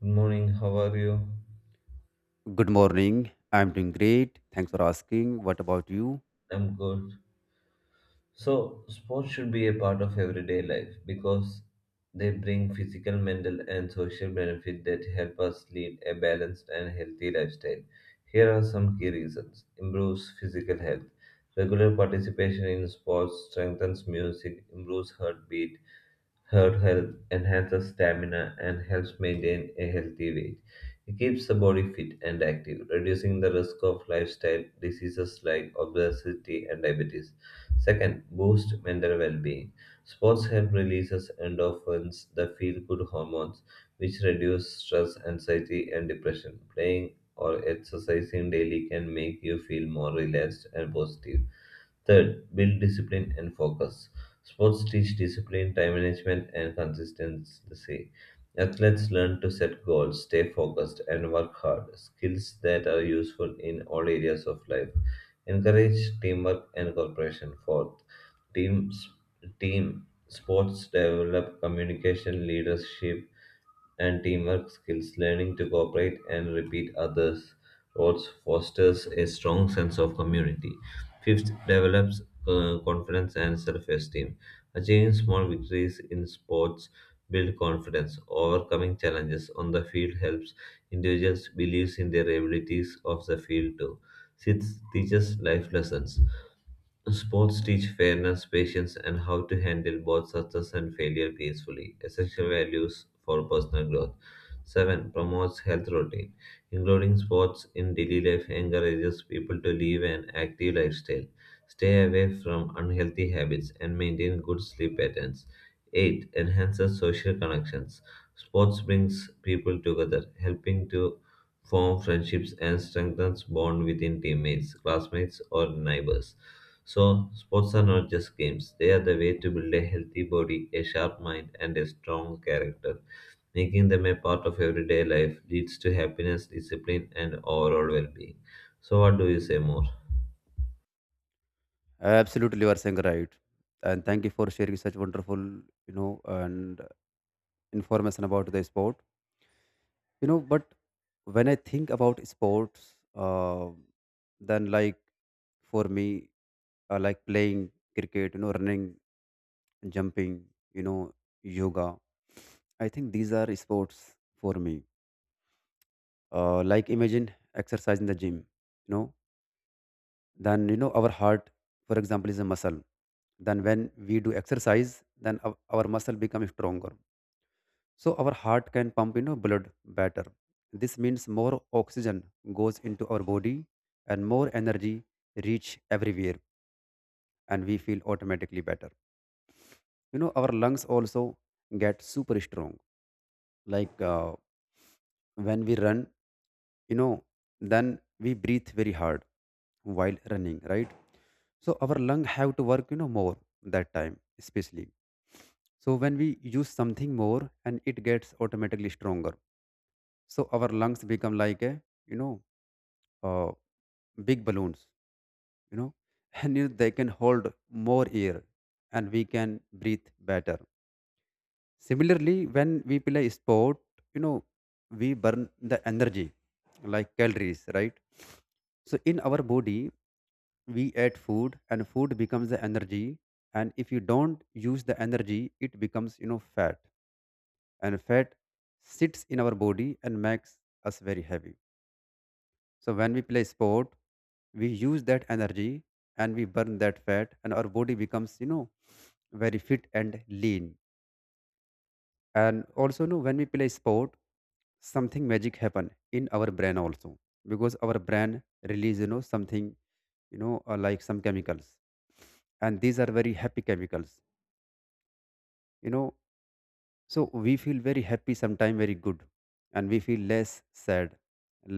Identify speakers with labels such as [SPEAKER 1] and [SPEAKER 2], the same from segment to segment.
[SPEAKER 1] Good morning, how are you?
[SPEAKER 2] Good morning. I'm doing great. Thanks for asking. What about you?
[SPEAKER 1] I'm good. So, sports should be a part of everyday life because they bring physical, mental, and social benefit that help us lead a balanced and healthy lifestyle. Here are some key reasons. Improves physical health. Regular participation in sports strengthens music, improves heartbeat, heart health, enhances stamina and helps maintain a healthy weight. It keeps the body fit and active, reducing the risk of lifestyle diseases like obesity and diabetes. Second, boost mental well-being. Sports help releases endorphins, the feel-good hormones, which reduce stress, anxiety, and depression. Playing or exercising daily can make you feel more relaxed and positive. Third, build discipline and focus. Sports teach discipline, time management, and consistency. Athletes learn to set goals, stay focused, and work hard, skills that are useful in all areas of life. Encourage teamwork and cooperation. Fourth, Teams, team sports develop communication, leadership, and teamwork skills. Learning to cooperate and repeat others' roles fosters a strong sense of community. Fifth, develops confidence and self-esteem. Achieving small victories in sports build confidence. Overcoming challenges on the field helps individuals believe in their abilities of the field too. Sixth, teaches life lessons. Sports teach fairness, patience, and how to handle both success and failure peacefully, essential values for personal growth. 7. Promotes health routine. Including sports in daily life encourages people to live an active lifestyle, stay away from unhealthy habits, and maintain good sleep patterns. 8. Enhances social connections. Sports brings people together, helping to form friendships and strengthens bond within teammates, classmates, or neighbors. So, sports are not just games, they are the way to build a healthy body, a sharp mind, and a strong character. Making them a part of everyday life leads to happiness, discipline, and overall well being. So, what do you say more?
[SPEAKER 2] Absolutely, you are saying right. And thank you for sharing such wonderful, and information about the sport. But when I think about sports, then like for me, I like playing cricket, running, jumping, you know, yoga. I think these are sports for me. Like imagine exercise in the gym, you know. Then you know our heart, for example, is a muscle. Then when we do exercise, then our muscle becomes stronger, so our heart can pump, you know, blood better. This means more oxygen goes into our body and more energy reach everywhere, and we feel automatically better. You know, our lungs also get super strong. Like when we run, you know, then we breathe very hard while running, right? So our lung have to work, you know, more that time especially. So when we use something more, and it gets automatically stronger, so our lungs become like a, you know uh, big balloons, you know, and you know, they can hold more air and we can breathe better. Similarly, when we play sport, you know, we burn the energy like calories, right? So in our body, we add food, and food becomes the energy. And if you don't use the energy, it becomes, you know, fat. And fat sits in our body and makes us very heavy. So when we play sport, we use that energy and we burn that fat, and our body becomes, very fit and lean. And also, you know, when we play sport, something magic happen in our brain also, because our brain release, you know, something like some chemicals, and these are very happy chemicals, you know. So we feel very happy sometime, very good, and we feel less sad,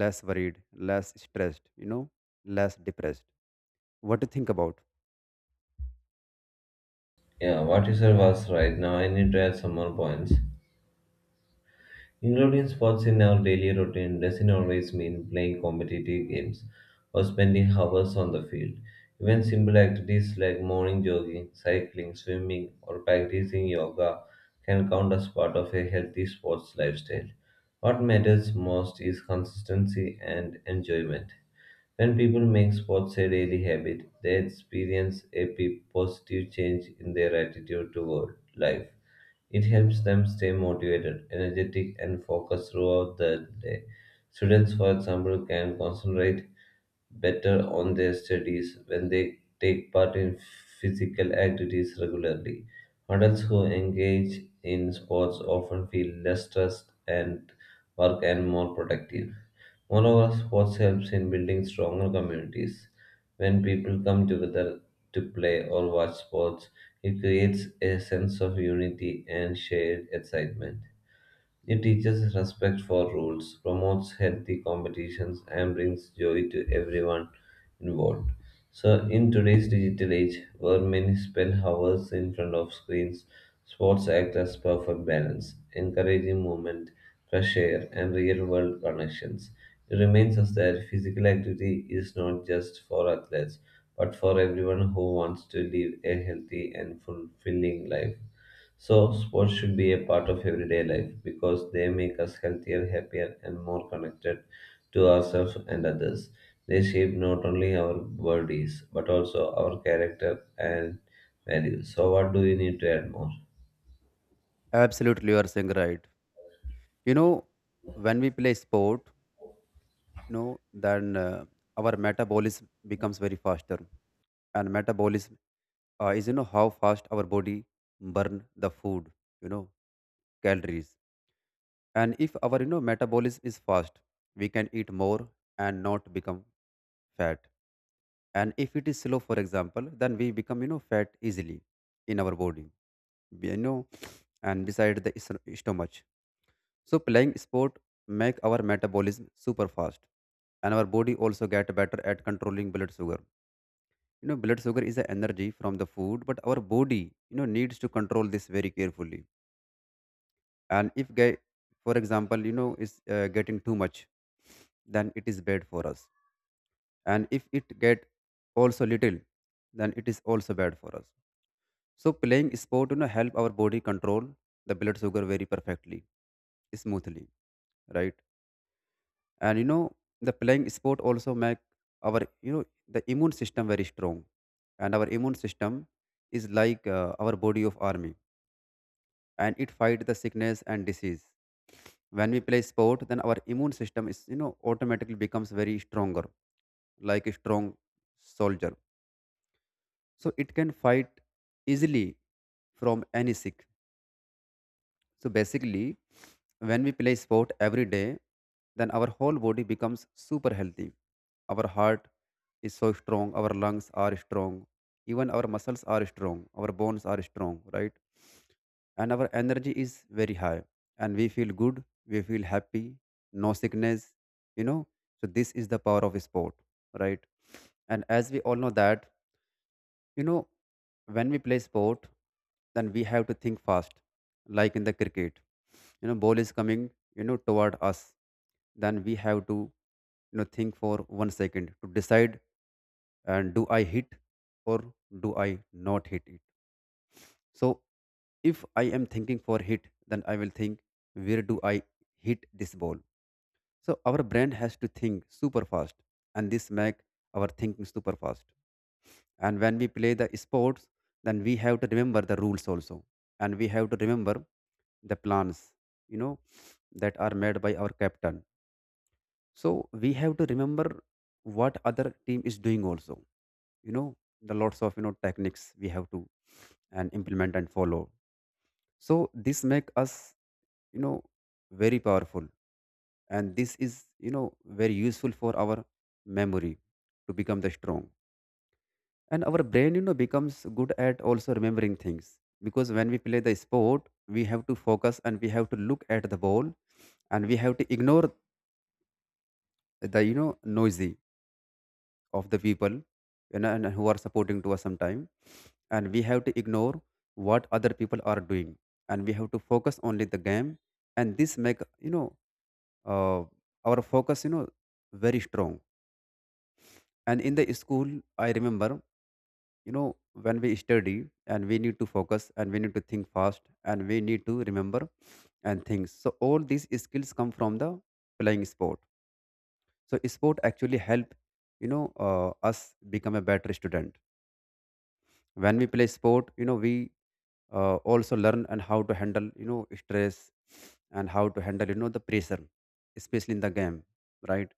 [SPEAKER 2] less worried, less stressed, you know, less depressed. What to think about?
[SPEAKER 1] Yeah, what you said was right. Now, I need to add some more points. Including sports in our daily routine doesn't always mean playing competitive games or spending hours on the field. Even simple activities like morning jogging, cycling, swimming, or practicing yoga can count as part of a healthy sports lifestyle. What matters most is consistency and enjoyment. When people make sports a daily habit, they experience a positive change in their attitude toward life. It helps them stay motivated, energetic, and focused throughout the day. Students, for example, can concentrate better on their studies when they take part in physical activities regularly. Adults who engage in sports often feel less stressed and work and more productive. Moreover, sports helps in building stronger communities. When people come together to play or watch sports, it creates a sense of unity and shared excitement. It teaches respect for rules, promotes healthy competitions, and brings joy to everyone involved. So, in today's digital age, where many spend hours in front of screens, sports act as perfect balance, encouraging movement, fresh air, and real world connections. It reminds us that physical activity is not just for athletes, but for everyone who wants to live a healthy and fulfilling life. So, sports should be a part of everyday life because they make us healthier, happier, and more connected to ourselves and others. They shape not only our bodies but also our character and values. So, what do you need to add more?
[SPEAKER 2] Absolutely, you are saying right. You know, when we play sport, you know, then our metabolism becomes very faster. And metabolism is you know how fast our body burn the food, you know, calories. And if our, you know, metabolism is fast, we can eat more and not become fat. And if it is slow, for example, then we become, you know, fat easily in our body, you know, and beside the stomach. So playing sport make our metabolism super fast, and our body also get better at controlling blood sugar. You know, blood sugar is the energy from the food, but our body, you know, needs to control this very carefully. And if, for example, you know, is getting too much, then it is bad for us. And if it get also little, then it is also bad for us. So playing sport, you know, help our body control the blood sugar very perfectly, smoothly, right? And you know, the playing sport also make our, you know, the immune system very strong. And our immune system is like our body of army, and it fight the sickness and disease. When we play sport, then our immune system is, you know, automatically becomes very stronger, like a strong soldier. So it can fight easily from any sick. So basically, when we play sport every day, then our whole body becomes super healthy. Our heart is so strong, our lungs are strong, even our muscles are strong, our bones are strong, right? And our energy is very high, and we feel good, we feel happy, no sickness, you know. So this is the power of sport, right? And as we all know, that you know, when we play sport, then we have to think fast, like in the cricket. You know, ball is coming, you know, toward us. Then we have to, you know, think for 1 second to decide, and do I hit or do I not hit it? So if I am thinking for hit, then I will think, where do I hit this ball? So our brain has to think super fast, and this make our thinking super fast. And when we play the sports, then we have to remember the rules also, and we have to remember the plans, you know, that are made by our captain. So we have to remember what other team is doing also, you know, the lots of, you know, techniques we have to and implement and follow. So this make us, you know, very powerful. And this is, you know, very useful for our memory to become the strong. And our brain, you know, becomes good at also remembering things. Because when we play the sport, we have to focus, and we have to look at the ball, and we have to ignore the, you know, noisy of the people, you know, and who are supporting to us sometime. And we have to ignore what other people are doing, and we have to focus only the game. And this make, you know uh, our focus, you know, very strong. And in the school, I remember, you know, when we study and we need to focus, and we need to think fast, and we need to remember and things, so all these skills come from the playing sport. So sport actually help, you know, us become a better student. When we play sport, you know, we also learn and how to handle, you know, stress, and how to handle, you know, the pressure, especially in the game, right?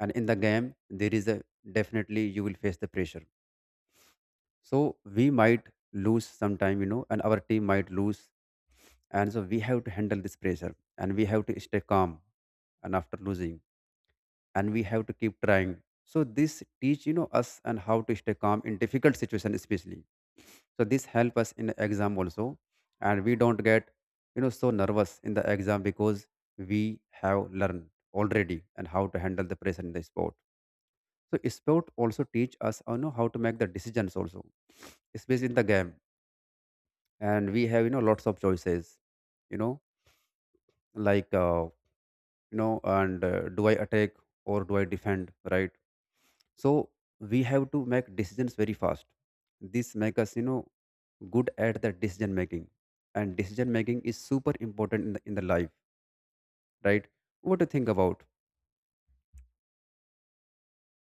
[SPEAKER 2] And in the game, there is a, definitely you will face the pressure. So we might lose sometime, you know, and our team might lose, and so we have to handle this pressure and we have to stay calm. And after losing, and we have to keep trying. So this teach, you know, us and how to stay calm in difficult situation especially. So this help us in the exam also, and we don't get, you know, so nervous in the exam, because we have learned already and how to handle the pressure in the sport. So sport also teach us, you know, how to make the decisions also, especially in the game. And we have, you know, lots of choices, you know, like, you know, and do I attack, or do I defend, right? So we have to make decisions very fast. This make us, you know, good at the decision making. And decision making is super important in the life, right? What do you think about?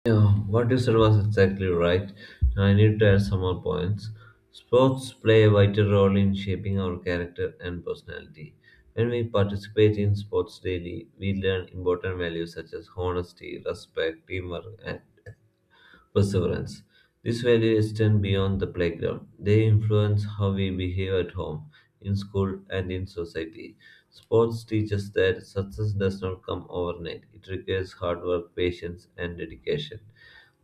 [SPEAKER 1] Yeah, what you said was exactly right. Now I need to add some more points. Sports play a vital role in shaping our character and personality. When we participate in sports daily, we learn important values such as honesty, respect, teamwork, and perseverance. These values extend beyond the playground. They influence how we behave at home, in school, and in society. Sports teaches that success does not come overnight. It requires hard work, patience, and dedication.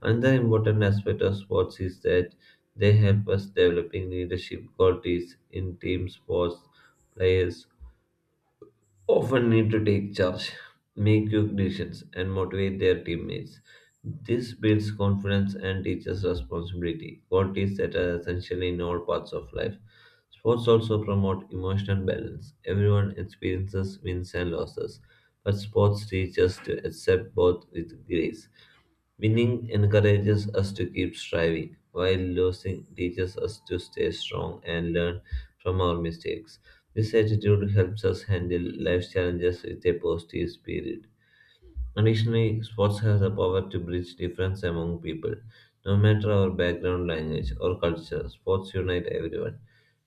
[SPEAKER 1] Another important aspect of sports is that they help us developing leadership qualities in team sports players often need to take charge, make quick decisions, and motivate their teammates. This builds confidence and teaches responsibility, qualities that are essential in all parts of life. Sports also promote emotional balance. Everyone experiences wins and losses, but sports teaches to accept both with grace. Winning encourages us to keep striving, while losing teaches us to stay strong and learn from our mistakes. This attitude helps us handle life's challenges with a positive spirit. Additionally, sports has the power to bridge difference among people. No matter our background, language, or culture, sports unite everyone.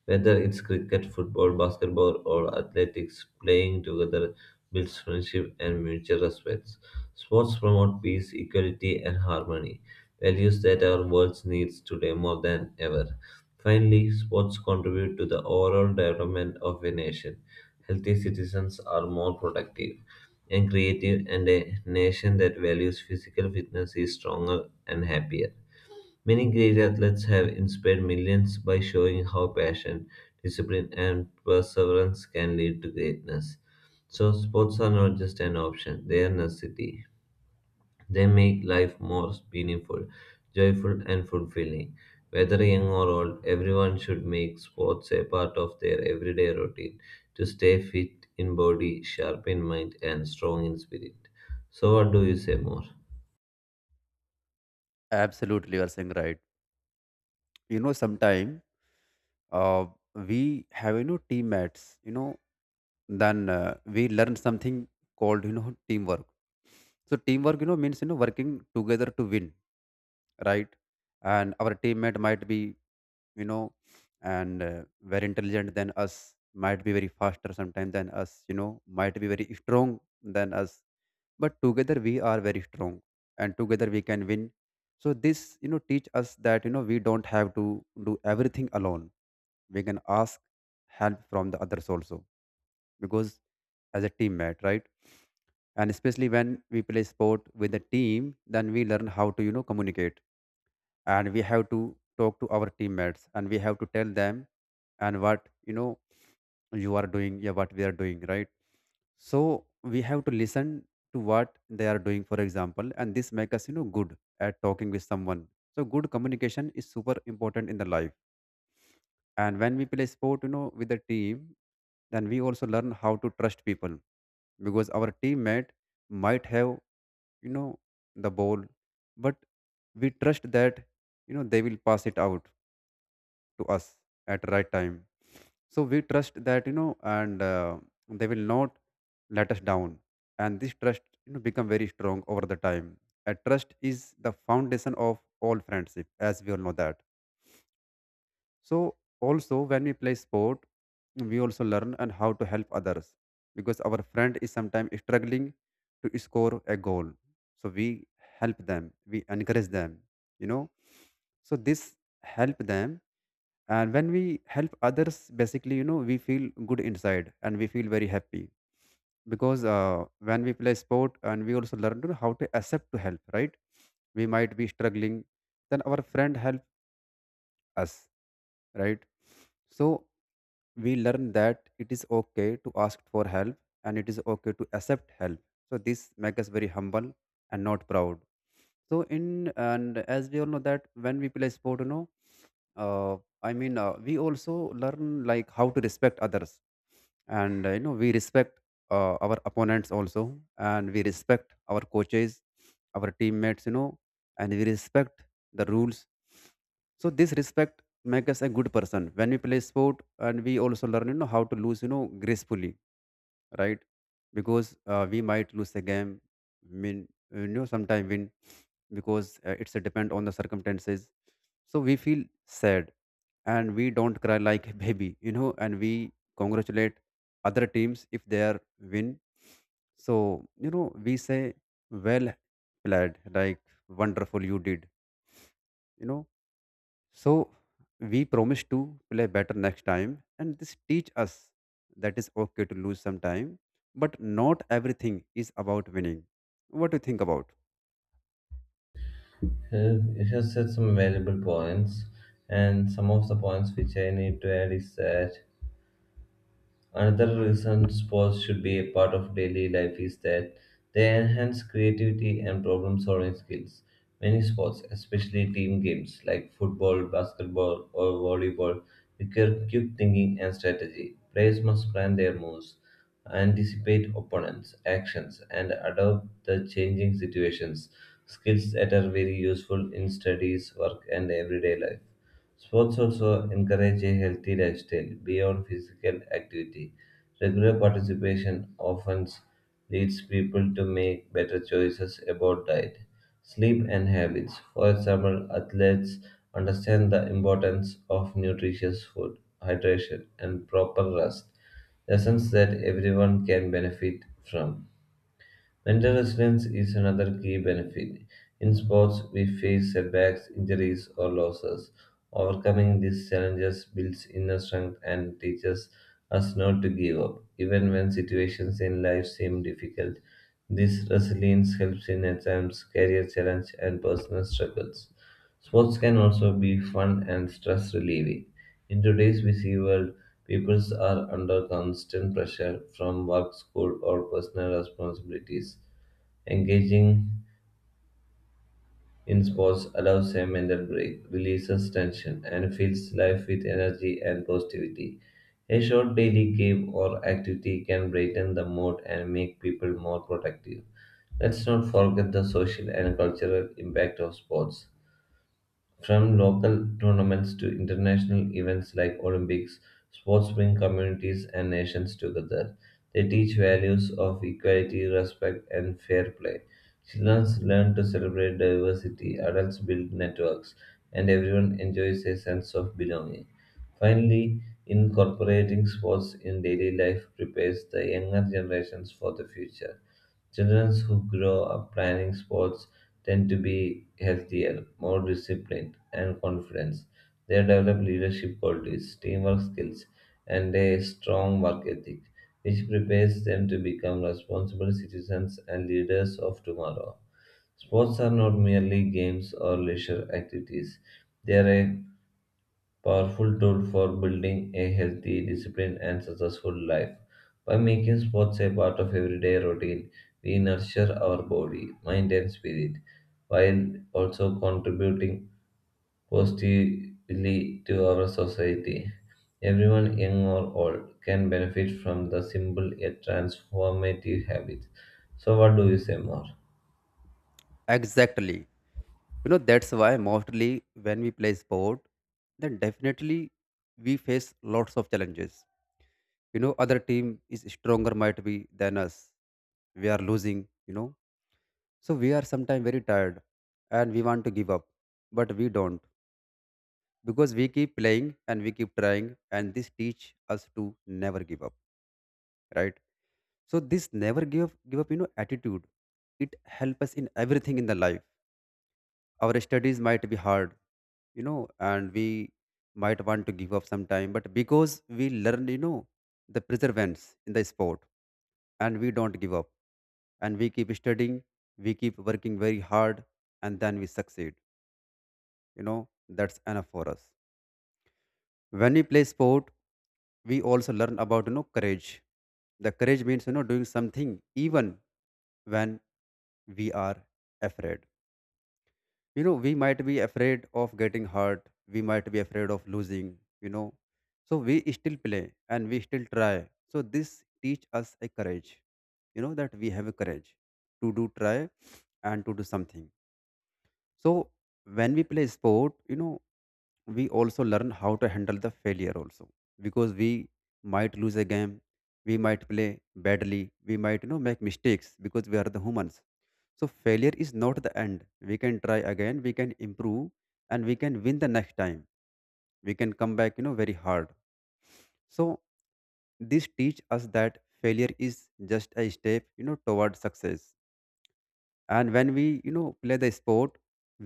[SPEAKER 1] Whether it's cricket, football, basketball, or athletics, playing together builds friendship and mutual respect. Sports promote peace, equality, and harmony, values that our world needs today more than ever. Finally, sports contribute to the overall development of a nation. Healthy citizens are more productive and creative, and a nation that values physical fitness is stronger and happier. Many great athletes have inspired millions by showing how passion, discipline, and perseverance can lead to greatness. So, sports are not just an option, they are necessity. They make life more meaningful, joyful, and fulfilling. Whether young or old, everyone should make sports a part of their everyday routine to stay fit in body, sharp in mind, and strong in spirit. So, what do you say more?
[SPEAKER 2] Absolutely, you are saying right. You know, sometime uh, we have, you know, teammates, you know. Then we learn something called, you know, teamwork. So teamwork, you know, means, you know, working together to win, right? And our teammate might be, you know, and very intelligent than us, might be very faster sometimes than us, you know, might be very strong than us, but together we are very strong, and together we can win. So this, you know, teach us that, you know, we don't have to do everything alone. We can ask help from the others also, because as a teammate, right? And especially when we play sport with a team, then we learn how to, you know, communicate. And we have to talk to our teammates, and we have to tell them and what, you know, you are doing, yeah, what we are doing, right? So we have to listen to what they are doing, for example, and this make us, you know, good at talking with someone. So good communication is super important in the life. And when we play sport, you know, with the team, then we also learn how to trust people. Because our teammate might have, you know, the ball, but we trust that, you know, they will pass it out to us at right time. So we trust that, you know and they will not let us down. And this trust, you know, become very strong over the time. A trust is the foundation of all friendship, as we all know that. So also, when we play sport, we also learn and how to help others. Because our friend is sometimes struggling to score a goal, so we help them, we encourage them, you know. So this help them. And when we help others, basically, you know, we feel good inside, and we feel very happy. Because when we play sport, and we also learn to know how to accept to help, right? We might be struggling, then our friend help us, right? So we learn that it is okay to ask for help, and it is okay to accept help. So this makes us very humble and not proud. So in, and as we all know that when we play sport, you know, I mean, we also learn like how to respect others. And You know we respect our opponents also, and we respect our coaches, our teammates, you know, and we respect the rules. So this respect makes us a good person when we play sport, and we also learn, you know, how to lose, you know, gracefully, right? Because we might lose a game, mean, you know, sometime win, because it's a depend on the circumstances. So we feel sad, and we don't cry like a baby, you know, and we congratulate other teams if they are win. So, you know, we say well played like wonderful you did, you know. So we promise to play better next time, and this teach us that is okay to lose sometime, but not everything is about winning. What do you think about?
[SPEAKER 1] It has said some valuable points, and some of the points which I need to add is that another reason sports should be a part of daily life is that they enhance creativity and problem solving skills. Many sports, especially team games like football, basketball, or volleyball, require quick thinking and strategy. Players must plan their moves, anticipate opponents' actions, and adapt the changing situations. Skills that are very useful in studies, work, and everyday life. Sports also encourage a healthy lifestyle beyond physical activity. Regular participation often leads people to make better choices about diet, sleep, and habits. For example, athletes understand the importance of nutritious food, hydration, and proper rest, lessons that everyone can benefit from. Mental resilience is another key benefit. In sports, we face setbacks, injuries, or losses. Overcoming these challenges builds inner strength and teaches us not to give up, even when situations in life seem difficult. This resilience helps in exams, career challenge, and personal struggles. Sports can also be fun and stress relieving. In today's busy world, people are under constant pressure from work, school, or personal responsibilities. Engaging in sports allows a mental break, releases tension, and fills life with energy and positivity. A short daily game or activity can brighten the mood and make people more productive. Let's not forget the social and cultural impact of sports. From local tournaments to international events like Olympics, sports bring communities and nations together. They teach values of equality, respect, and fair play. Children learn to celebrate diversity, adults build networks, and everyone enjoys a sense of belonging. Finally, incorporating sports in daily life prepares the younger generations for the future. Children who grow up planning sports tend to be healthier, more disciplined, and confident. They develop leadership qualities, teamwork skills, and a strong work ethic, which prepares them to become responsible citizens and leaders of tomorrow. Sports are not merely games or leisure activities, they are a powerful tool for building a healthy, disciplined, and successful life. By making sports a part of everyday routine, we nurture our body, mind, and spirit, while also contributing positively to our society. Everyone, young or old, can benefit from the simple yet transformative habits. So, what do you say more?
[SPEAKER 2] Exactly, you know, that's why mostly when we play sport, then definitely we face lots of challenges, you know, other team is stronger might be than us, we are losing, you know. So we are sometimes very tired and we want to give up, but we don't, because we keep playing and we keep trying, and this teach us to never give up, right? So this never give up, give up, you know, attitude it help us in everything in the life. Our studies might be hard, you know, and we might want to give up sometime, but because we learn, you know, the perseverance in the sport, and we don't give up, and we keep studying, we keep working very hard, and then we succeed, you know. That's enough for us. When we play sport, we also learn about, you know, courage. The courage means, you know, doing something even when we are afraid. You know, we might be afraid of getting hurt, we might be afraid of losing, you know. So we still play and we still try. So this teach us a courage, you know, that we have a courage to do try and to do something. So when we play sport, you know, we also learn how to handle the failure also, because we might lose a game, we might play badly, we might, you know, make mistakes because we are the humans. So failure is not the end. We can try again, we can improve, and we can win the next time. We can come back, you know, very hard. So this teach us that failure is just a step, you know, towards success. And when we, you know, play the sport,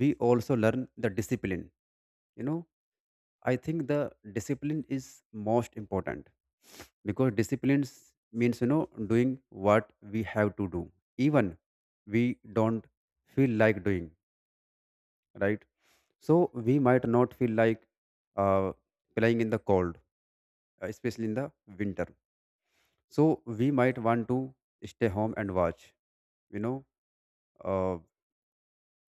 [SPEAKER 2] we also learn the discipline, you know. I think the discipline is most important, because discipline means, you know, doing what we have to do even we don't feel like doing, right? So we might not feel like uh, playing in the cold, especially in the winter. So we might want to stay home and watch, you know, uh,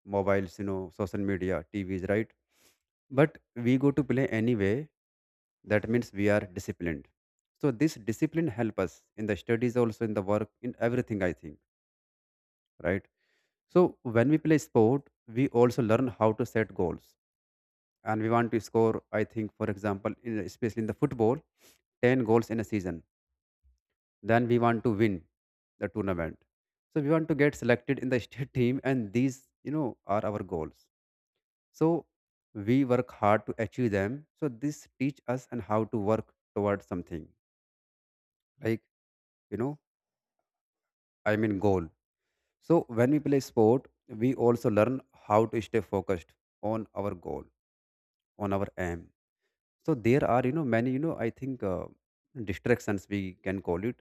[SPEAKER 2] mobiles, you know, social media, TVs, right? But we go to play anyway. That means we are disciplined. So this discipline help us in the studies, also in the work, in everything, I think, right? So when we play sport, we also learn how to set goals, and we want to score. I think, for example, in, especially in the football, 10 goals in a season. Then we want to win the tournament. So we want to get selected in the state team, and these, you know, are our goals. So we work hard to achieve them. So this teach us and how to work towards something like, you know, goal. So when we play sport, we also learn how to stay focused on our goal, on our aim. So there are, you know, many, you know, I think, distractions we can call it,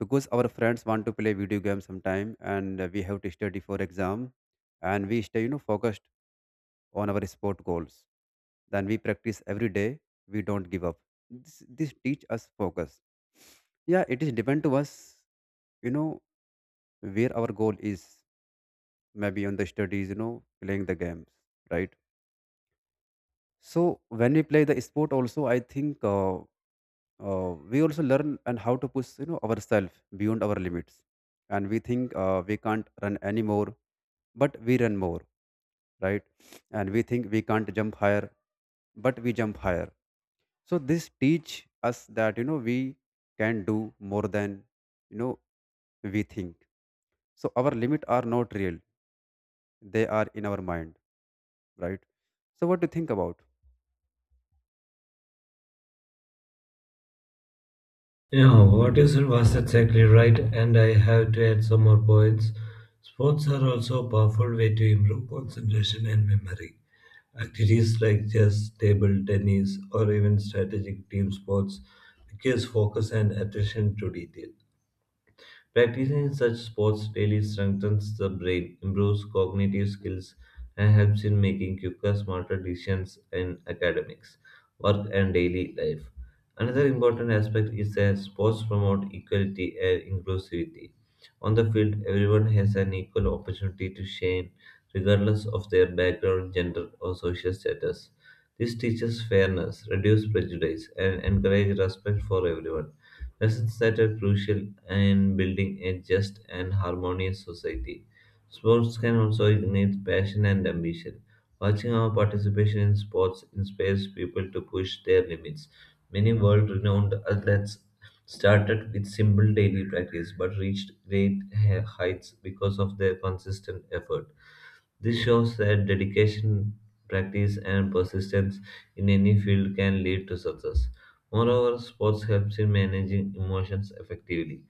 [SPEAKER 2] because our friends want to play video games sometime and we have to study for exam, and we stay, you know, focused on our sport goals. Then we practice every day. We don't give up. This teach us focus. Yeah, it is depend to us, you know, where our goal is. Maybe on the studies, you know, playing the games, right? So when we play the sport, also I think we also learn and how to push, you know, ourselves beyond our limits. And we think we can't run anymore, but we run more, right? And we think we can't jump higher, but we jump higher. So this teach us that, you know, we can do more than, you know, we think. So our limit are not real, they are in our mind, right? So what do you think about?
[SPEAKER 1] Yeah, what you said was exactly right, and I have to add some more points. Sports are also a powerful way to improve concentration and memory. Activities like chess, table tennis, or even strategic team sports requires focus and attention to detail. Practicing such sports daily strengthens the brain, improves cognitive skills, and helps in making quicker, smarter decisions in academics, work, and daily life. Another important aspect is that sports promote equality and inclusivity. On the field, everyone has an equal opportunity to shine, regardless of their background, gender, or social status. This teaches fairness, reduces prejudice, and encourages respect for everyone. Lessons that are crucial in building a just and harmonious society. Sports can also ignite passion and ambition. Watching our participation in sports inspires people to push their limits. Many world renowned athletes started with simple daily practice but reached great heights because of their consistent effort. This shows that dedication, practice, and persistence in any field can lead to success. Moreover, sports helps in managing emotions effectively.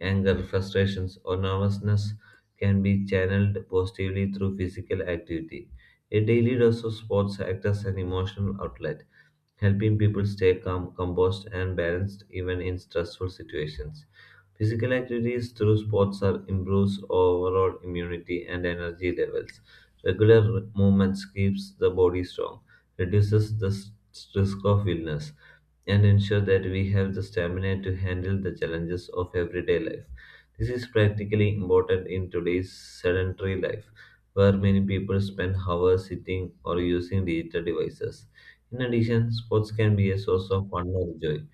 [SPEAKER 1] Anger, frustrations, or nervousness can be channeled positively through physical activity. A daily dose of sports acts as an emotional outlet, helping people stay calm, composed, and balanced even in stressful situations. Physical activities through sports are improves overall immunity and energy levels. Regular movements keeps the body strong, reduces the risk of illness, and ensure that we have the stamina to handle the challenges of everyday life. This is practically important in today's sedentary life, where many people spend hours sitting or using digital devices. In addition, sports can be a source of wonder joy,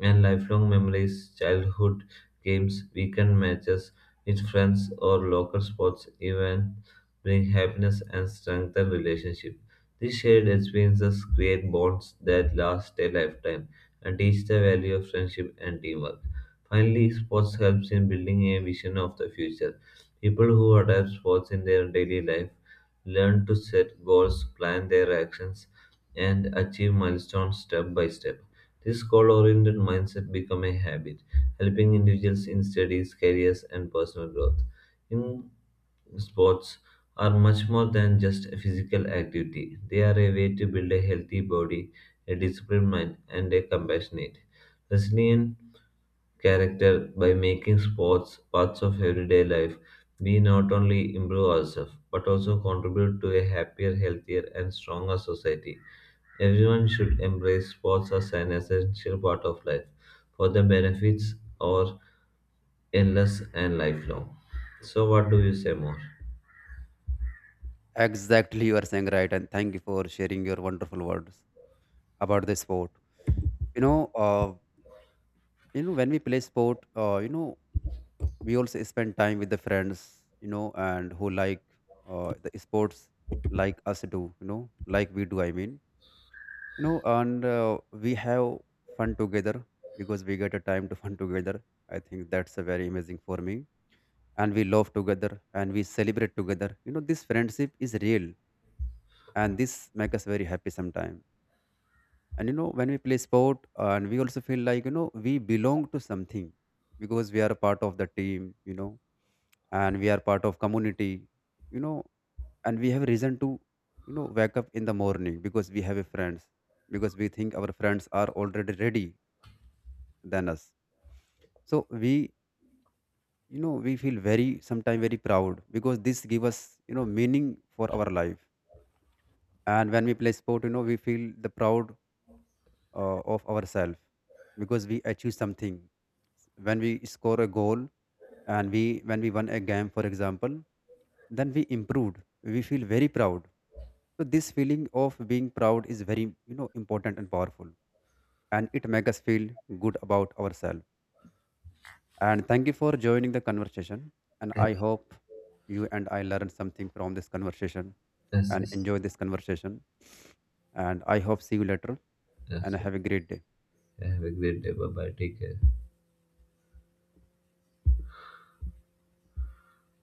[SPEAKER 1] and lifelong memories. Childhood games, weekend matches with friends, or local sports events bring happiness and strengthen relationships. These shared experiences create bonds that last a lifetime and teach the value of friendship and teamwork. Finally, sports helps in building a vision of the future. People who adapt sports in their daily life learn to set goals, plan their actions, and achieve milestones step by step. This goal oriented mindset become a habit, helping individuals in studies, careers, and personal growth. In sports, are much more than just a physical activity. They are a way to build a healthy body, a disciplined mind, and a compassionate, resilient character. By making sports parts of everyday life, we not only improve ourselves but also contribute to a happier, healthier, and stronger society. Everyone should embrace sports as an essential part of life for the benefits are endless and lifelong. So, what do you say more?
[SPEAKER 2] Exactly, you are saying right, and thank you for sharing your wonderful words about the sport. You know, you know when we play sport, you know, we also spend time with the friends, you know, and who like the sports like us do, you know, like we do, you know. And we have fun together, because we get a time to fun together. I think that's a very amazing for me. And we love together and we celebrate together, you know, this friendship is real, and this make us very happy sometimes. And you know, when we play sport, and we also feel like, you know, we belong to something, because we are a part of the team, you know, and we are part of community, you know. And we have reason to, you know, wake up in the morning, because we have a friends, because we think our friends are already ready than us. So we, you know, we feel very sometimes very proud, because this give us, you know, meaning for our life. And when we play sport, you know, we feel the proud of ourselves, because we achieve something. When we score a goal, and we when we won a game, for example, then we improved, we feel very proud. So this feeling of being proud is very, you know, important and powerful, and it makes us feel good about ourselves. And thank you for joining the conversation, and I
[SPEAKER 1] Yes,
[SPEAKER 2] hope you and I learned something from this conversation,
[SPEAKER 1] yes,
[SPEAKER 2] and
[SPEAKER 1] yes.
[SPEAKER 2] enjoy this conversation, and I hope see you later, and
[SPEAKER 1] Yes.
[SPEAKER 2] have a great day.
[SPEAKER 1] Have a great day. Bye bye. Take care.